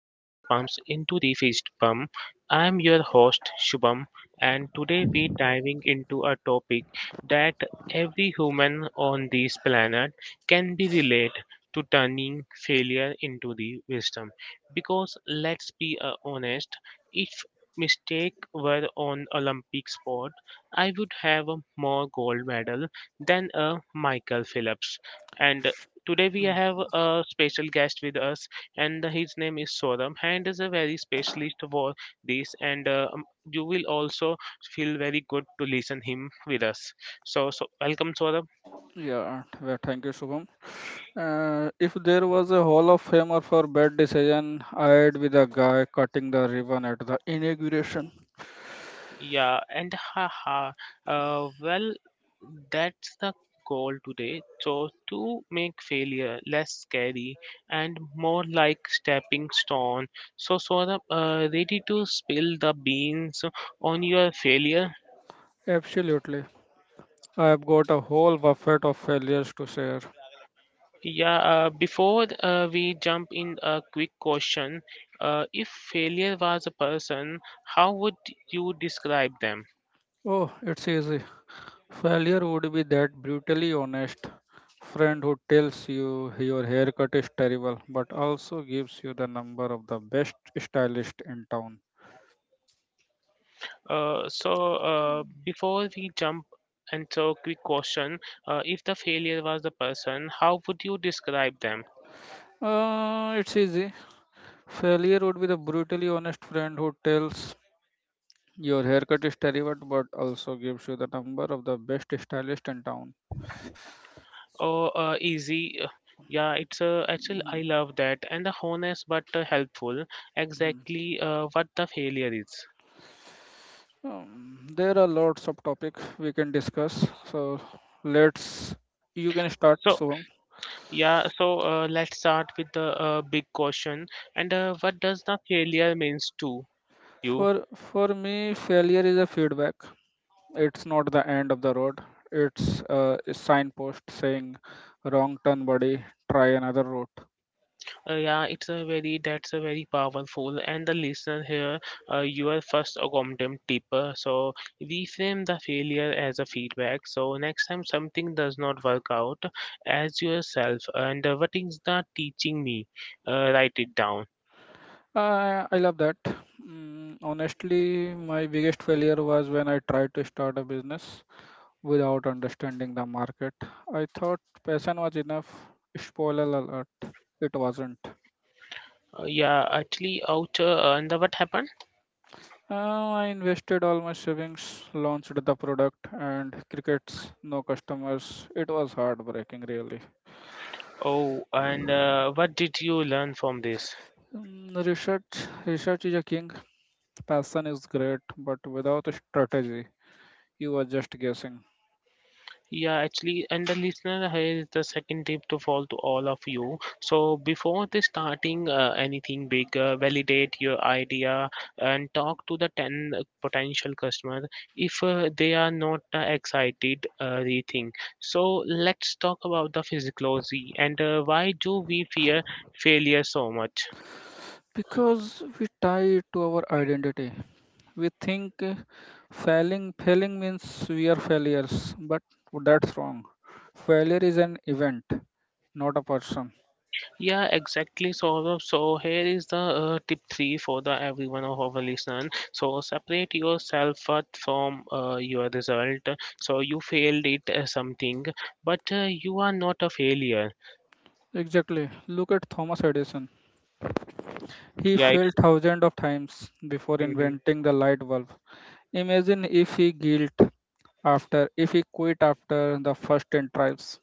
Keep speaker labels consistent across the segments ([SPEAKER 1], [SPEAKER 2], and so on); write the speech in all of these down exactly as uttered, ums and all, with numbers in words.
[SPEAKER 1] pumps into the fist pump. I'm your host Shubham, and today we're diving into a topic that every human on this planet can be relate to turning failure into the wisdom. Because let's be uh, honest, if mistake were on Olympic sport I would have a more gold medal than a Michael Phillips. And today we have a special guest with us, and his name is Soram, and is a very specialist for this. And uh, um, you will also feel very good to listen him with us. So, so welcome, Soram.
[SPEAKER 2] Yeah, well, thank you, Shubham. Uh, if there was a Hall of Famer for bad decision, I'd be the guy cutting the ribbon at the inauguration.
[SPEAKER 1] Yeah, and haha. Uh, well, that's the goal today. So, to make failure less scary and more like stepping stone. So, so of uh, ready to spill the beans on your failure.
[SPEAKER 2] Absolutely. I've got a whole buffet of failures to share.
[SPEAKER 1] Yeah, uh, before uh, we jump in, a quick question. Uh, if failure was a person, how would you describe them?
[SPEAKER 2] Oh, it's easy. Failure would be that brutally honest friend who tells you your haircut is terrible, but also gives you the number of the best stylist in town.
[SPEAKER 1] Uh, so uh, before we jump into quick question, uh, if the failure was the person, how would you describe them?
[SPEAKER 2] Uh, it's easy. Failure would be the brutally honest friend who tells your haircut is terrible, but also gives you the number of the best stylist in town.
[SPEAKER 1] Oh, uh, easy. uh, Yeah, it's uh, actually
[SPEAKER 2] Mhm,
[SPEAKER 1] I love that and the honest but uh, helpful.
[SPEAKER 2] mhm.
[SPEAKER 1] Exactly uh, what the failure is.
[SPEAKER 2] Um, there are lots of topics we can discuss. So let's you can start.
[SPEAKER 1] So
[SPEAKER 2] So
[SPEAKER 1] yeah, so uh, let's start with the uh, big question. And uh, what does the failure means to you?
[SPEAKER 2] for for me, failure is a feedback. It's not the end of the road. It's uh, a signpost saying, "Wrong turn, buddy. Try another route."
[SPEAKER 1] Uh, yeah, it's a very that's a very powerful, and the listener here, uh, your first accommodant tip. uh, So reframe the failure as a feedback. So next time something does not work out, as yourself, and uh, what is the teaching me? Uh, write it down.
[SPEAKER 2] I I love that. Mm, honestly, my biggest failure was when I tried to start a business without understanding the market. I thought passion was enough. Spoiler alert, it wasn't.
[SPEAKER 1] Uh, yeah, actually, out uh, and uh, what happened?
[SPEAKER 2] Uh, I invested all my savings, launched the product, and crickets, no customers. It was heartbreaking, really.
[SPEAKER 1] Oh, and uh, what did you learn from this?
[SPEAKER 2] Mm, research, research is a king. Passion is great, but without a strategy, you are just guessing.
[SPEAKER 1] Yeah, actually, and the listener has the second tip to fall to all of you. So before the starting uh, anything big, uh, validate your idea and talk to the ten potential customer. If uh, they are not uh, excited, uh, rethink. So let's talk about the physiology and uh, why do we fear failure so much?
[SPEAKER 2] Because we tie it to our identity. We think uh, failing failing means we are failures, but that's wrong. Failure is an event, not a person.
[SPEAKER 1] Yeah, exactly. So, so here is the uh, tip three for the every one of our listeners. So separate yourself first from uh, your result. So you failed it uh, something, but uh, you are not a failure.
[SPEAKER 2] Exactly. Look at Thomas Edison. He
[SPEAKER 1] Yeah,
[SPEAKER 2] failed thousands of times before
[SPEAKER 1] it's
[SPEAKER 2] inventing the light bulb. Imagine if he guilt after if he quit after the first ten tries.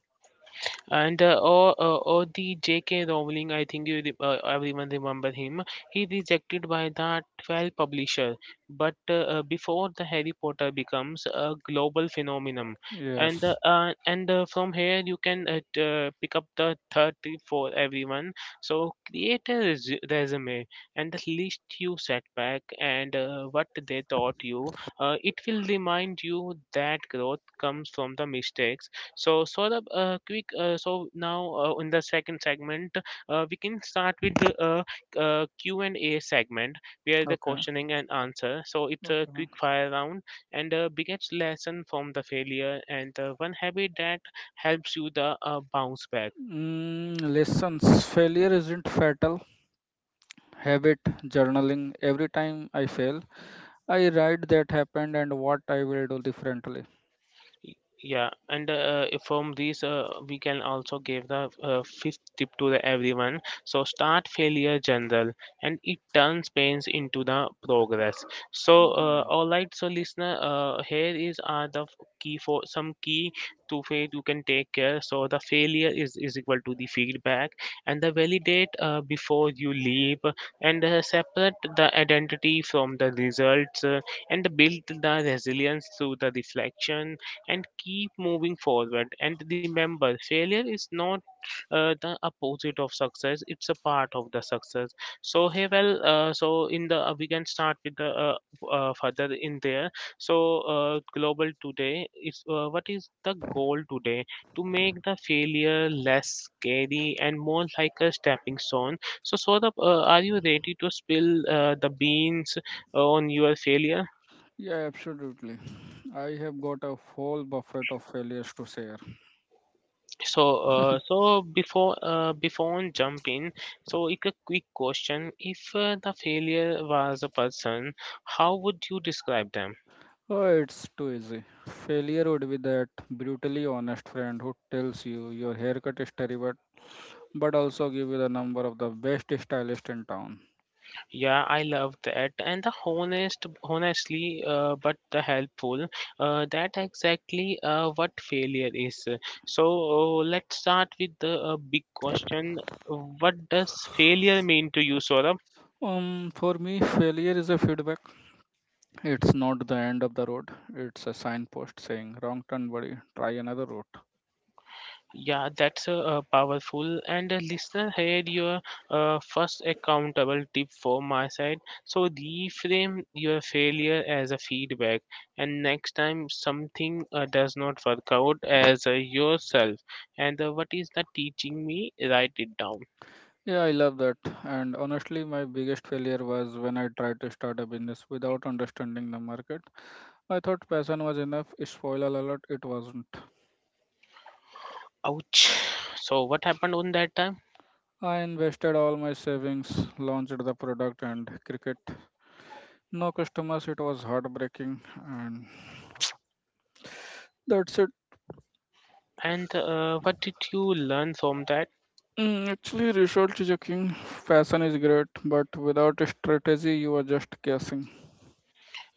[SPEAKER 1] and uh, or uh, or the J K. Rowling. I think you re- uh, everyone remember him. He rejected by the twelve publisher, but uh, uh, before the Harry Potter becomes a global phenomenon, and uh,
[SPEAKER 2] Yes.
[SPEAKER 1] uh, and uh, from here you can uh, t- uh, pick up the thirty for everyone. So create a res- resume and the list you set back and uh, what they taught you. Uh, it will remind you that growth comes from the mistakes so, Saurabh, uh, quick. Uh, so now uh, in the second segment, uh, we can start with the uh, uh, Q and A segment, where the
[SPEAKER 2] Okay,
[SPEAKER 1] questioning and answer. So it's a quick
[SPEAKER 2] okay.
[SPEAKER 1] fire round and a biggest lesson from the failure and uh, one habit that helps you the uh, bounce back.
[SPEAKER 2] Mm, lessons: failure isn't fatal. Habit: journaling. Every time I fail, I write that happened and what I will do differently.
[SPEAKER 1] Y- Yeah, and uh, from these, uh, we can also give the uh, fifth tip to the everyone. So start failure general, and it turns pains into the progress. So uh,
[SPEAKER 2] Hmm.
[SPEAKER 1] all right, so listener, uh, here is are the f- key for some key to fail you can take care. So the failure is is equal to the feedback, and the validate uh, before you leave, and uh, separate the identity from the results, uh, and build the resilience through the reflection and keep moving forward. And remember, failure is not uh, the opposite of success; it's a part of the success. So hey, well, uh, so in the uh, we can start with the uh, uh, further in there. So uh, global today is uh, what is the goal today to make the failure less scary and more like a stepping stone. So Saurabh, uh, are you ready to spill uh, the beans uh, on your failure?
[SPEAKER 2] Yeah, absolutely. I have got a whole buffet of failures to share.
[SPEAKER 1] So, uh, so before uh, before on jump in, so like a quick question: If uh, the failure was a person, how would you describe them?
[SPEAKER 2] Oh, it's too easy. Failure would be that brutally honest friend who tells you your haircut is terrible, but also give you the number of the best stylist in town.
[SPEAKER 1] Yeah, I love that, and the honest, honestly, uh, but the helpful. Uh, that exactly uh, what failure is. So uh, let's start with the uh, big question: What does failure mean to you, Saurabh?
[SPEAKER 2] Um, for me, failure is a feedback. It's not the end of the road. It's a signpost saying, "Wrong turn, buddy. Try another route."
[SPEAKER 1] Yeah, that's uh, uh, powerful. And uh, listener, here your uh, first accountable tip for my side. So reframe your failure as a feedback, and next time something uh, does not work out, as uh, yourself. And uh, what is that teaching me? Write it down.
[SPEAKER 2] Yeah, I love that. And honestly, my biggest failure was when I tried to start a business without understanding the market. I thought passion was enough. Spoiler alert, it wasn't.
[SPEAKER 1] Ouch. So what happened on that time?
[SPEAKER 2] I invested all my savings, launched the product, and cricket. No customers, it was heartbreaking. And that's it.
[SPEAKER 1] And uh, what did you learn from that?
[SPEAKER 2] Mm, actually, research checking. Passion is great, but without a strategy, you are just guessing.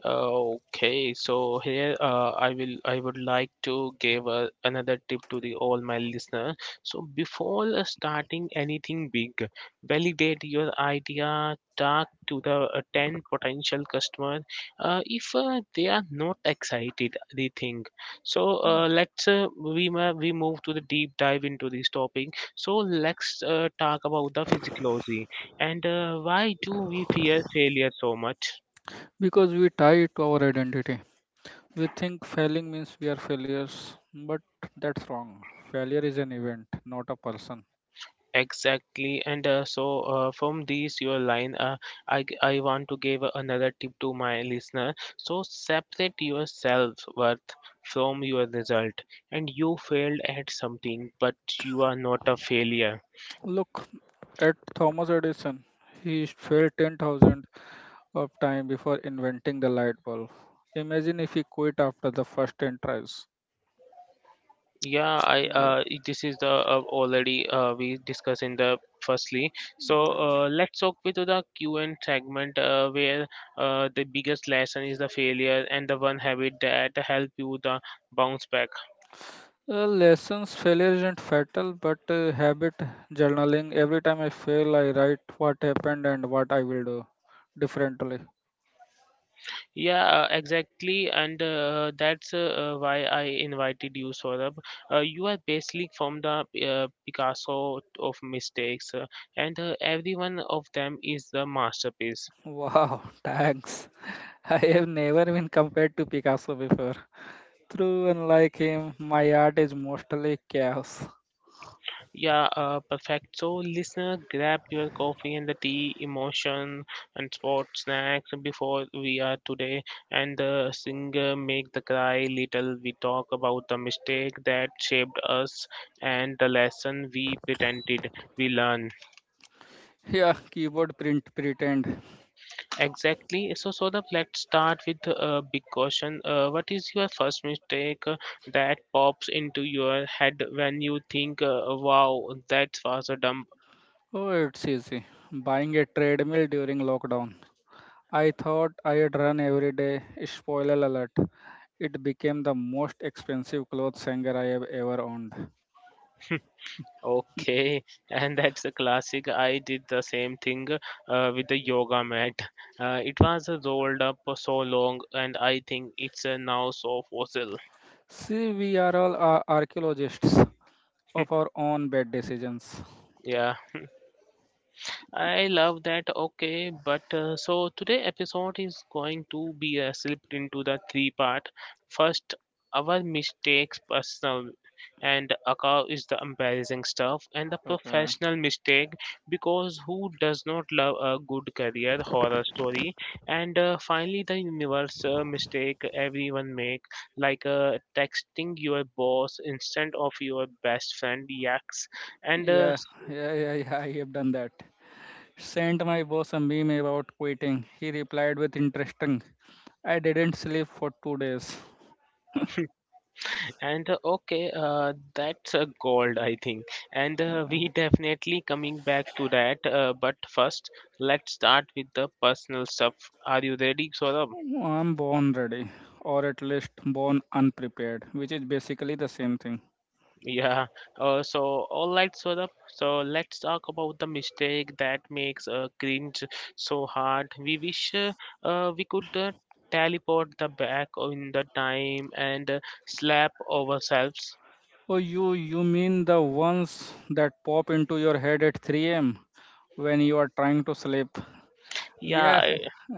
[SPEAKER 1] Okay, so here uh, I will I would like to give uh, another tip to the all my listener. So before uh, starting anything big, validate your idea. Talk to the uh, ten potential customer. Uh, if uh, they are not excited, they think. So
[SPEAKER 2] Hmm.
[SPEAKER 1] uh, let's uh, we ma- we move to the deep dive into this topic. So let's uh, talk about the physiology and uh, why do we fear failure so much?
[SPEAKER 2] Because we tie it to our identity. We think failing means we are failures, but that's wrong. Failure is an event, not a person.
[SPEAKER 1] Exactly, and uh, so uh, from these your line, uh, I g- I want to give another tip to my listener. So separate your self worth from your result, and you failed at something, but you are not a failure.
[SPEAKER 2] Look at Thomas Edison. He failed ten thousand of time before inventing the light bulb. Imagine if he quit after the first ten tries.
[SPEAKER 1] Yeah, I uh, this is the uh, already uh, we discussed in the firstly. So
[SPEAKER 2] Yeah.
[SPEAKER 1] uh, let's talk with the Q and segment uh, where uh, the biggest lesson is the failure and the one habit that help you the bounce back.
[SPEAKER 2] Uh, lessons failure isn't fatal, but uh, habit journaling. Every time I fail, I write what happened and what I will do differently.
[SPEAKER 1] Yeah, uh, exactly, and uh, that's uh, uh, why I invited you, Saurabh. Uh, you are basically from the uh, Picasso of mistakes, uh, and uh, every one of them is the masterpiece.
[SPEAKER 2] Wow, thanks. I have never been compared to Picasso before. True, unlike him, my art is mostly chaos.
[SPEAKER 1] Yeah, uh, perfect. So, listener, grab your coffee and the tea, emotion, and sport snacks before we are today, and the singer make the cry little. We talk about the mistake that shaped us and the lesson we pretended we learned.
[SPEAKER 2] Yeah, keyboard print pretend.
[SPEAKER 1] Exactly. So, so the let's start with a uh, big question. Uh, what is your first mistake uh, that pops into your head when you think, uh, "Wow, that was a dump."
[SPEAKER 2] Oh, it's easy. Buying a treadmill during lockdown. I thought I'd run every day. Spoiler alert. It became the most expensive clothes hanger I have ever owned.
[SPEAKER 1] Okay, and that's a classic. I did the same thing uh, with the yoga mat. Uh, it was rolled up so long, and I think it's uh, now so fossil.
[SPEAKER 2] See, we are all ar- archaeologists of our own bad decisions.
[SPEAKER 1] Yeah. I love that. Okay, but uh, so today episode is going to be uh, slipped into the three part. First, our mistakes personal and account is the embarrassing stuff and the
[SPEAKER 2] Okay.
[SPEAKER 1] professional mistake because who does not love a good career horror story and uh, finally the universal mistake everyone make like uh, texting your boss instead of your best friend yaks and uh,
[SPEAKER 2] Yeah, yeah, yeah, yeah, I have done that. Sent my boss a meme about quitting. He replied with interesting. I didn't sleep for two days.
[SPEAKER 1] And uh, okay, uh, that's a gold, I think. And uh, we definitely coming back to that. Uh, but first, let's start with the personal stuff. Are you ready, Saurabh?
[SPEAKER 2] I'm born ready, or at least born unprepared, which is basically the same thing.
[SPEAKER 1] Yeah. Uh, so, all right, Saurabh. So, let's talk about the mistake that makes uh, cringe so hard. We wish uh, uh, we could uh, teleport the back in the time and uh, slap ourselves.
[SPEAKER 2] Oh, you you mean the ones that pop into your head at three a m when you are trying to sleep?
[SPEAKER 1] Yeah,
[SPEAKER 2] Yeah,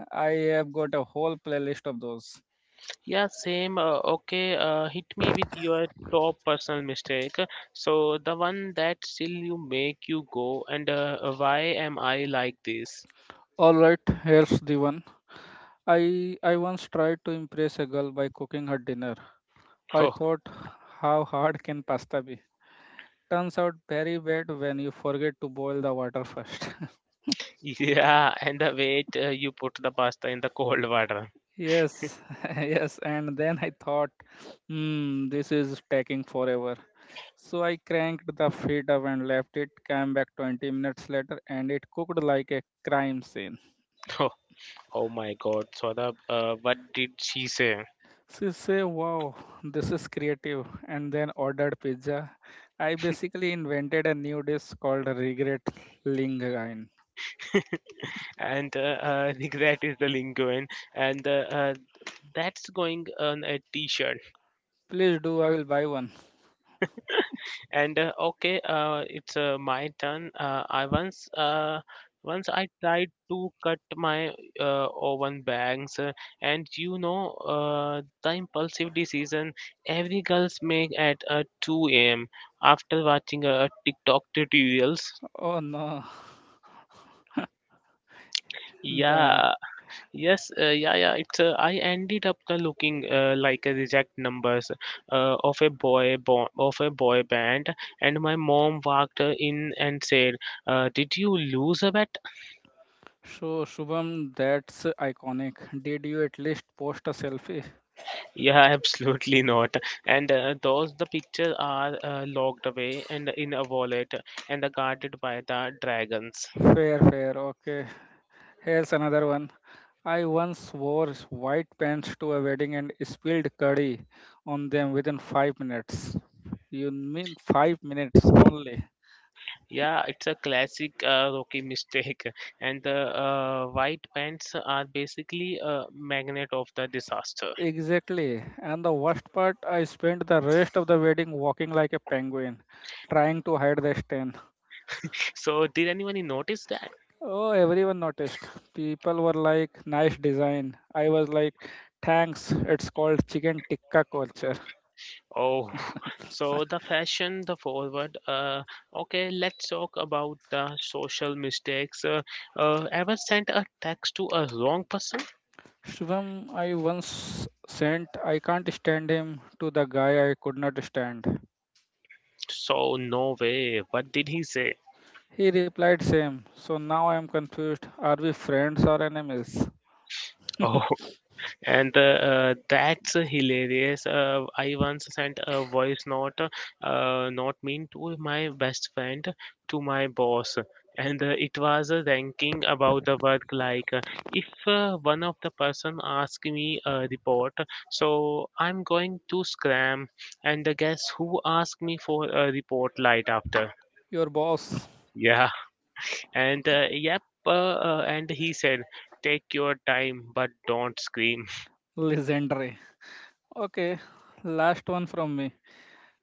[SPEAKER 2] I have got a whole playlist of those.
[SPEAKER 1] Yeah, same. Uh, okay, uh, hit me with your top personal mistake. So, the one that still you make you go, and uh, why am I like this?
[SPEAKER 2] All right, here's the one. I I once tried to impress a girl by cooking her dinner. I
[SPEAKER 1] Oh,
[SPEAKER 2] thought, how hard can pasta be? Turns out very bad when you forget to boil the water first.
[SPEAKER 1] yeah, and the way uh, you put the pasta in the cold water.
[SPEAKER 2] Yes, yes, and then I thought, hmm, this is taking forever. So I cranked the feed up and left it, came back twenty minutes later, and it cooked like a crime scene.
[SPEAKER 1] Oh, oh my God, Swadha, uh, what did she say?
[SPEAKER 2] She said, wow, this is creative, and then ordered pizza. I basically invented a new dish called regret linguine.
[SPEAKER 1] And uh, uh, regret is the lingo, and uh, uh, that's going on a t-shirt.
[SPEAKER 2] Please do, I will buy one.
[SPEAKER 1] And uh, okay, uh, it's uh, my turn. Uh, I once uh, once I tried to cut my uh, oven bags, uh, and you know uh, the impulsive decision every girls make at uh, two a m after watching uh, TikTok tutorials.
[SPEAKER 2] Oh no. The,
[SPEAKER 1] Yeah, Yes, uh, yeah, yeah. It's uh, I ended up uh, looking uh, like a reject numbers uh, of a boy bo- of a boy band, and my mom walked uh, in and said, uh, "Did you lose a bet?"
[SPEAKER 2] so Shubham, that's iconic. Did you at least post a selfie?
[SPEAKER 1] Yeah, absolutely not. And uh, those the pictures are uh, locked away and in a wallet and are guarded by the dragons.
[SPEAKER 2] Fair, fair. Okay. Here's another one. I once wore white pants to a wedding and spilled curry on them within five minutes. You mean five minutes only?
[SPEAKER 1] Yeah, it's a classic uh, rookie mistake, and the uh, white pants are basically a magnet of the disaster.
[SPEAKER 2] Exactly. And the worst part, I spent the rest of the wedding walking like a penguin, trying to hide the stain.
[SPEAKER 1] So did anyone notice that?
[SPEAKER 2] Oh, everyone noticed. People were like, nice design. I was like, thanks, it's called chicken tikka culture.
[SPEAKER 1] Oh, so the fashion, the forward. Uh, okay, let's talk about the social mistakes. Uh, uh, ever sent a text to a wrong person?
[SPEAKER 2] Shubham, I once sent "I can't stand him" to the guy I could not stand.
[SPEAKER 1] So no way. What did he say?
[SPEAKER 2] He replied same. So now I am confused. Are we friends or enemies?
[SPEAKER 1] Oh, and uh, uh, that's hilarious. uh, I once sent a voice note uh, not mean to my best friend, to my boss. And uh, it was a ranking about the work, like, uh, if uh, one of the person ask me a report, so I'm going to scram. And uh, guess who asked me for a report light after?
[SPEAKER 2] Your boss,
[SPEAKER 1] Yeah. and uh, yep uh, uh, and he said, take your time but don't scream.
[SPEAKER 2] legendary. Okay, last one from me.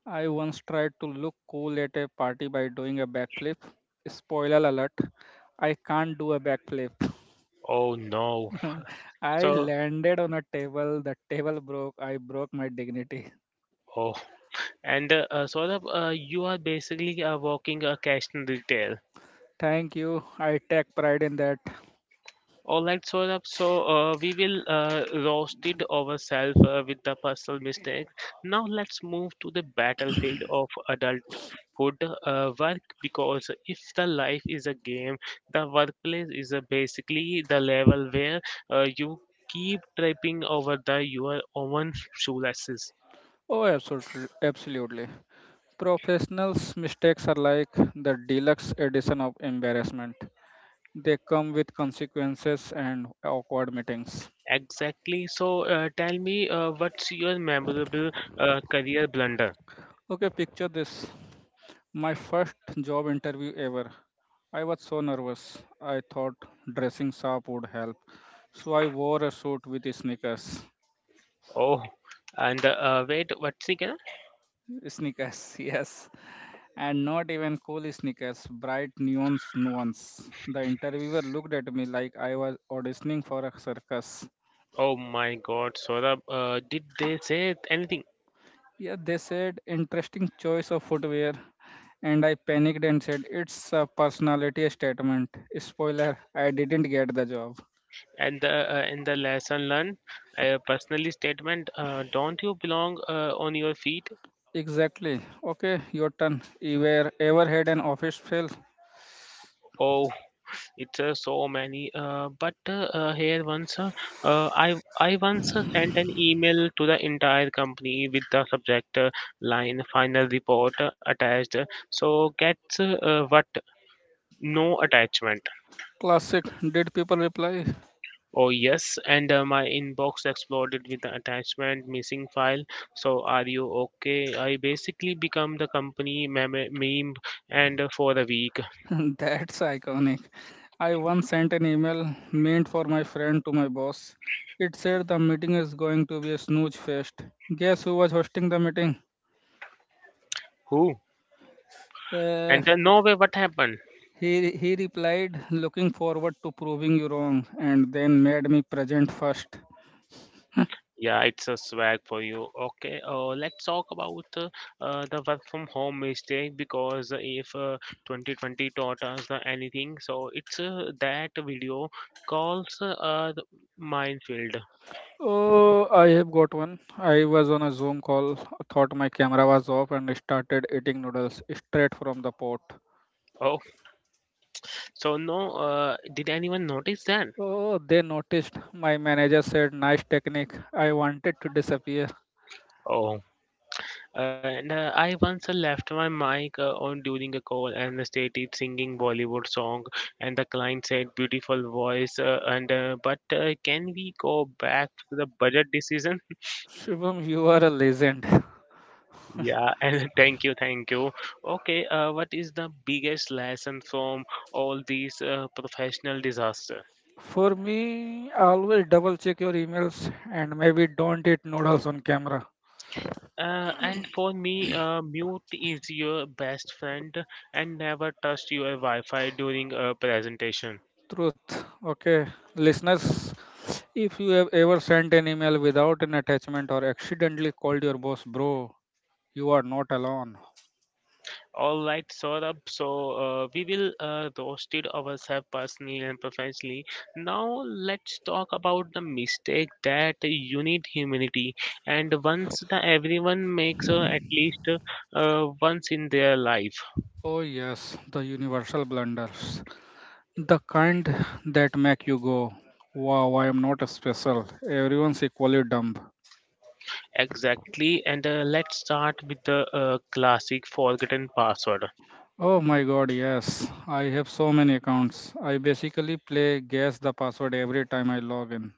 [SPEAKER 2] I once tried to look cool at a party by doing a backflip. Spoiler alert, I can't do a backflip.
[SPEAKER 1] Oh no.
[SPEAKER 2] I
[SPEAKER 1] So,
[SPEAKER 2] landed on a table, the table broke, I broke my dignity.
[SPEAKER 1] oh, and uh, uh, Saurabh, uh, you are basically uh, working a cash in retail.
[SPEAKER 2] Thank you, I take pride in that.
[SPEAKER 1] All right, Saurabh. So uh, we will uh, roast it ourselves uh, with the personal mistakes. Now let's move to the battlefield of adulthood, uh, work, because if the life is a game, the workplace is uh, basically the level where uh, you keep tripping over the your own shoelaces.
[SPEAKER 2] Oh, absolutely, absolutely. Professionals' mistakes are like the deluxe edition of embarrassment. They come with consequences and awkward meetings.
[SPEAKER 1] Exactly. So, uh, tell me, uh, what's your memorable uh, career blunder?
[SPEAKER 2] Okay, picture this. My first job interview ever. I was so nervous. I thought dressing sharp would help. So I wore a suit with sneakers.
[SPEAKER 1] Oh, and uh, wait, what's again?
[SPEAKER 2] Sneakers, yes. And not even cool sneakers, bright neon ones. The interviewer looked at me like I was auditioning for a circus.
[SPEAKER 1] Oh my God, Saurabh, uh, did they say anything?
[SPEAKER 2] Yeah, they said, interesting choice of footwear. And I panicked and said, it's a personality statement. Spoiler, I didn't get the job.
[SPEAKER 1] And the, uh, in the lesson learned, uh, personally statement, uh, don't you belong uh, on your feet?
[SPEAKER 2] Exactly. Okay, your turn. Ever, ever had an office fail?
[SPEAKER 1] Oh, it's uh, so many. Uh, but uh, uh, here once, uh, uh, I I once uh, sent an email to the entire company with the subject uh, line final report uh, attached. So gets, uh, uh, what? No attachment.
[SPEAKER 2] Classic. Did people reply?
[SPEAKER 1] Oh yes, and uh, my inbox exploded with the attachment missing file. So are you okay? I basically become the company meme, meme and uh, for a week.
[SPEAKER 2] That's iconic. I once sent an email meant for my friend to my boss. It said the meeting is going to be a snooze fest. Guess who was hosting the meeting?
[SPEAKER 1] Who?
[SPEAKER 2] Uh,
[SPEAKER 1] And uh, no way, what happened?
[SPEAKER 2] he, he replied, looking forward to proving you wrong, and then made me present first.
[SPEAKER 1] Yeah, it's a swag for you. Okay, uh, let's talk about uh, uh, the work from home mistake, because if uh, twenty twenty taught us the anything, so it's uh, that video calls, uh, the minefield.
[SPEAKER 2] Oh, I have got one. I was on a Zoom call, thought my camera was off, and started eating noodles straight from the pot.
[SPEAKER 1] Oh, so no, uh, did anyone notice that?
[SPEAKER 2] Oh, they noticed. My manager said, nice technique. I wanted to disappear.
[SPEAKER 1] Oh, and uh, I once left my mic uh, on during a call and started singing Bollywood song, and the client said beautiful voice, uh, and uh, but uh, can we go back to the budget decision?
[SPEAKER 2] Shubham, you are a legend.
[SPEAKER 1] Yeah. and thank you, thank you. Okay, uh, what is the biggest lesson from all these uh, professional disaster?
[SPEAKER 2] For me, always double check your emails and maybe don't eat noodles on camera.
[SPEAKER 1] Uh, and for me, uh, mute is your best friend, and never trust your Wi-Fi during a presentation.
[SPEAKER 2] Truth. Okay. Listeners, if you have ever sent an email without an attachment or accidentally called your boss, bro, you are not alone.
[SPEAKER 1] All right, Saurabh. So uh, we will uh, roasted ourselves personally and professionally. Now let's talk about the mistake that you need humility. And once the everyone makes uh, at least uh, once in their life.
[SPEAKER 2] Oh, yes, the universal blunders. The kind that make you go, wow, I am not special. Everyone's equally dumb.
[SPEAKER 1] Exactly. And uh, let's start with the uh, classic forgotten password.
[SPEAKER 2] Oh my god, yes. I have so many accounts. I basically play guess the password every time I log in.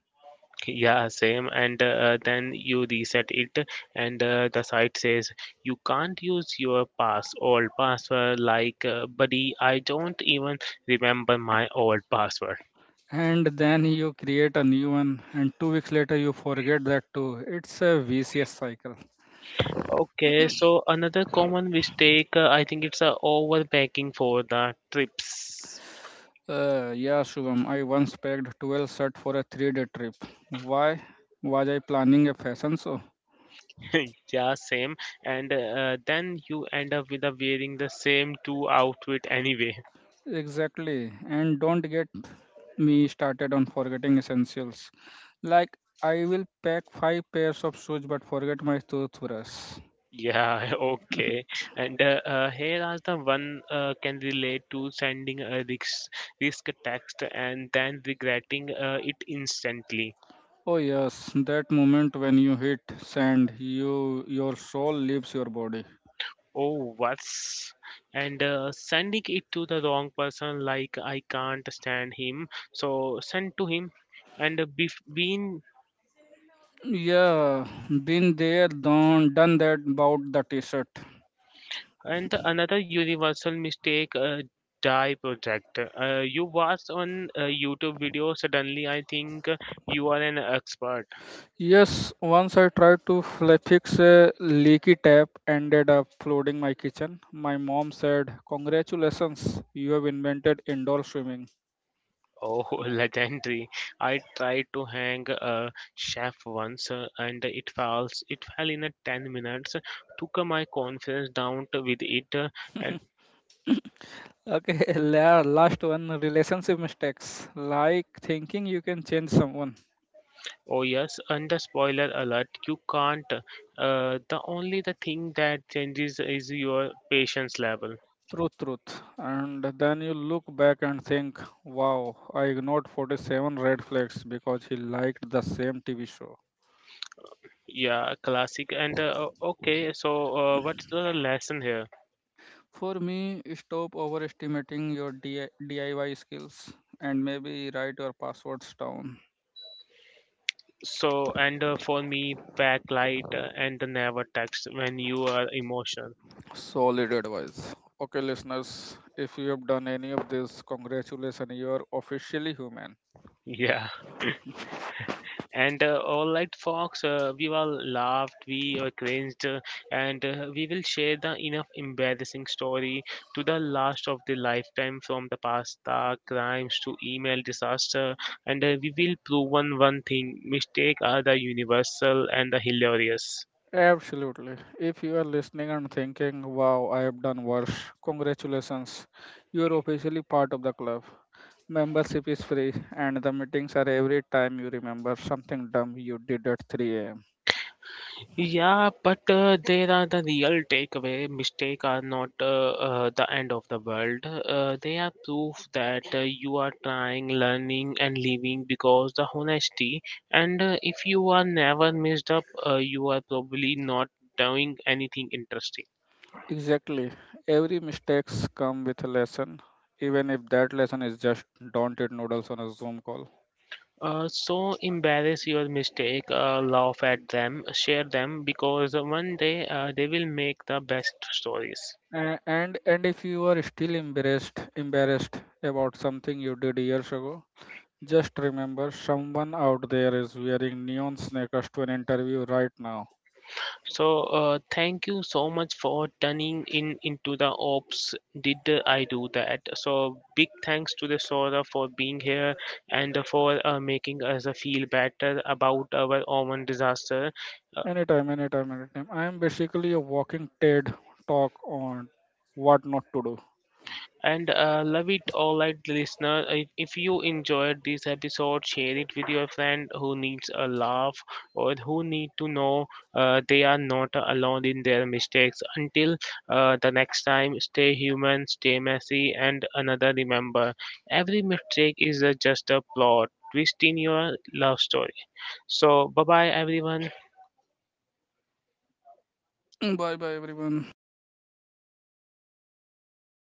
[SPEAKER 1] Yeah, same. And uh, uh, then you reset it, and uh, the site says you can't use your pass old password. Like, uh, buddy, I don't even remember my old password.
[SPEAKER 2] And then you create a new one, and two weeks later you forget that too. It's a vicious cycle.
[SPEAKER 1] Okay, so another common mistake, uh, I think it's uh, overpacking for the trips.
[SPEAKER 2] Uh, yeah, Shubham, I once packed twelve set for a three day trip. Why was I planning a fashion show?
[SPEAKER 1] Yeah, same. And uh, then you end up with uh, wearing the same two outfit anyway.
[SPEAKER 2] Exactly. And don't get me started on forgetting essentials. Like, I will pack five pairs of shoes but forget my toothbrush.
[SPEAKER 1] Yeah. Okay. And uh, uh, here are the one uh, can relate to sending a risk, risk text and then regretting uh, it instantly.
[SPEAKER 2] Oh yes, that moment when you hit sand, you your soul leaves your body.
[SPEAKER 1] Oh, worse. And uh, sending it to the wrong person, like I can't stand him, so send to him. And uh, bef- being
[SPEAKER 2] Yeah, been there, done, done that about the t-shirt.
[SPEAKER 1] And another universal mistake, uh, die project. Uh, you watch on a YouTube video, suddenly I think uh, you are an expert.
[SPEAKER 2] Yes, once I tried to fl- fix a leaky tap, ended up flooding my kitchen. My mom said, "Congratulations, you have invented indoor swimming."
[SPEAKER 1] Oh, legendary! I tried to hang a chef once, uh, and it falls. It fell in a ten minutes. Took uh, my confidence down to with it, uh, and
[SPEAKER 2] Okay, la- last one, relationship mistakes, like thinking you can change someone.
[SPEAKER 1] oh yes, and the spoiler alert: you can't. Uh, the only the thing that changes is your patience level.
[SPEAKER 2] Truth, truth. And then you look back and think, wow, I ignored forty-seven red flags because he liked the same T V show.
[SPEAKER 1] Yeah, classic. And uh, o- okay, so uh, what's the lesson here?
[SPEAKER 2] For me, stop overestimating your D I- D I Y skills and maybe write your passwords down.
[SPEAKER 1] So, and uh, for me, backlight, uh, and the never text when you are emotional.
[SPEAKER 2] Solid advice. Okay, listeners, if you have done any of this, congratulations, you are officially human.
[SPEAKER 1] Yeah. And uh, all right, folks, uh, we all laughed, we were cringed, uh, and uh, we will share the enough embarrassing story to the last of the lifetime from the pasta crimes to email disaster. And uh, we will prove one, one thing mistake are the universal and the hilarious.
[SPEAKER 2] Absolutely. If you are listening and thinking, wow, I have done worse, congratulations. You are officially part of the club. Membership is free, and the meetings are every time you remember something dumb you did at three a m.
[SPEAKER 1] Yeah, but uh, there are the real takeaway. Mistakes are not uh, uh, the end of the world. Uh, they are proof that uh, you are trying, learning, and living because the honesty. And uh, if you are never messed up, uh, you are probably not doing anything interesting.
[SPEAKER 2] Exactly. Every mistakes come with a lesson, even if that lesson is just don't eat noodles on a Zoom call.
[SPEAKER 1] Uh, so embarrass your mistake, uh, laugh at them, share them because one day uh, they will make the best stories.
[SPEAKER 2] A- And and if you are still embarrassed embarrassed about something you did years ago, just remember, someone out there is wearing neon sneakers to an interview right now.
[SPEAKER 1] So uh, thank you so much for turning in into the ops. Did I do that? So big thanks to the Sora for being here and for uh, making us feel better about our own disaster. Uh,
[SPEAKER 2] Anytime, anytime, anytime. I am basically a walking TED talk on what not to
[SPEAKER 1] And uh, Love it. All right, listener. I- If you enjoyed this episode, share it with your friend who needs a laugh or who need to know uh, they are not alone in their mistakes. Until uh, the next time, stay human, stay messy, and another remember, every mistake is uh, just a plot twist in your love story. So, bye bye, everyone.
[SPEAKER 2] do. Bye bye, everyone.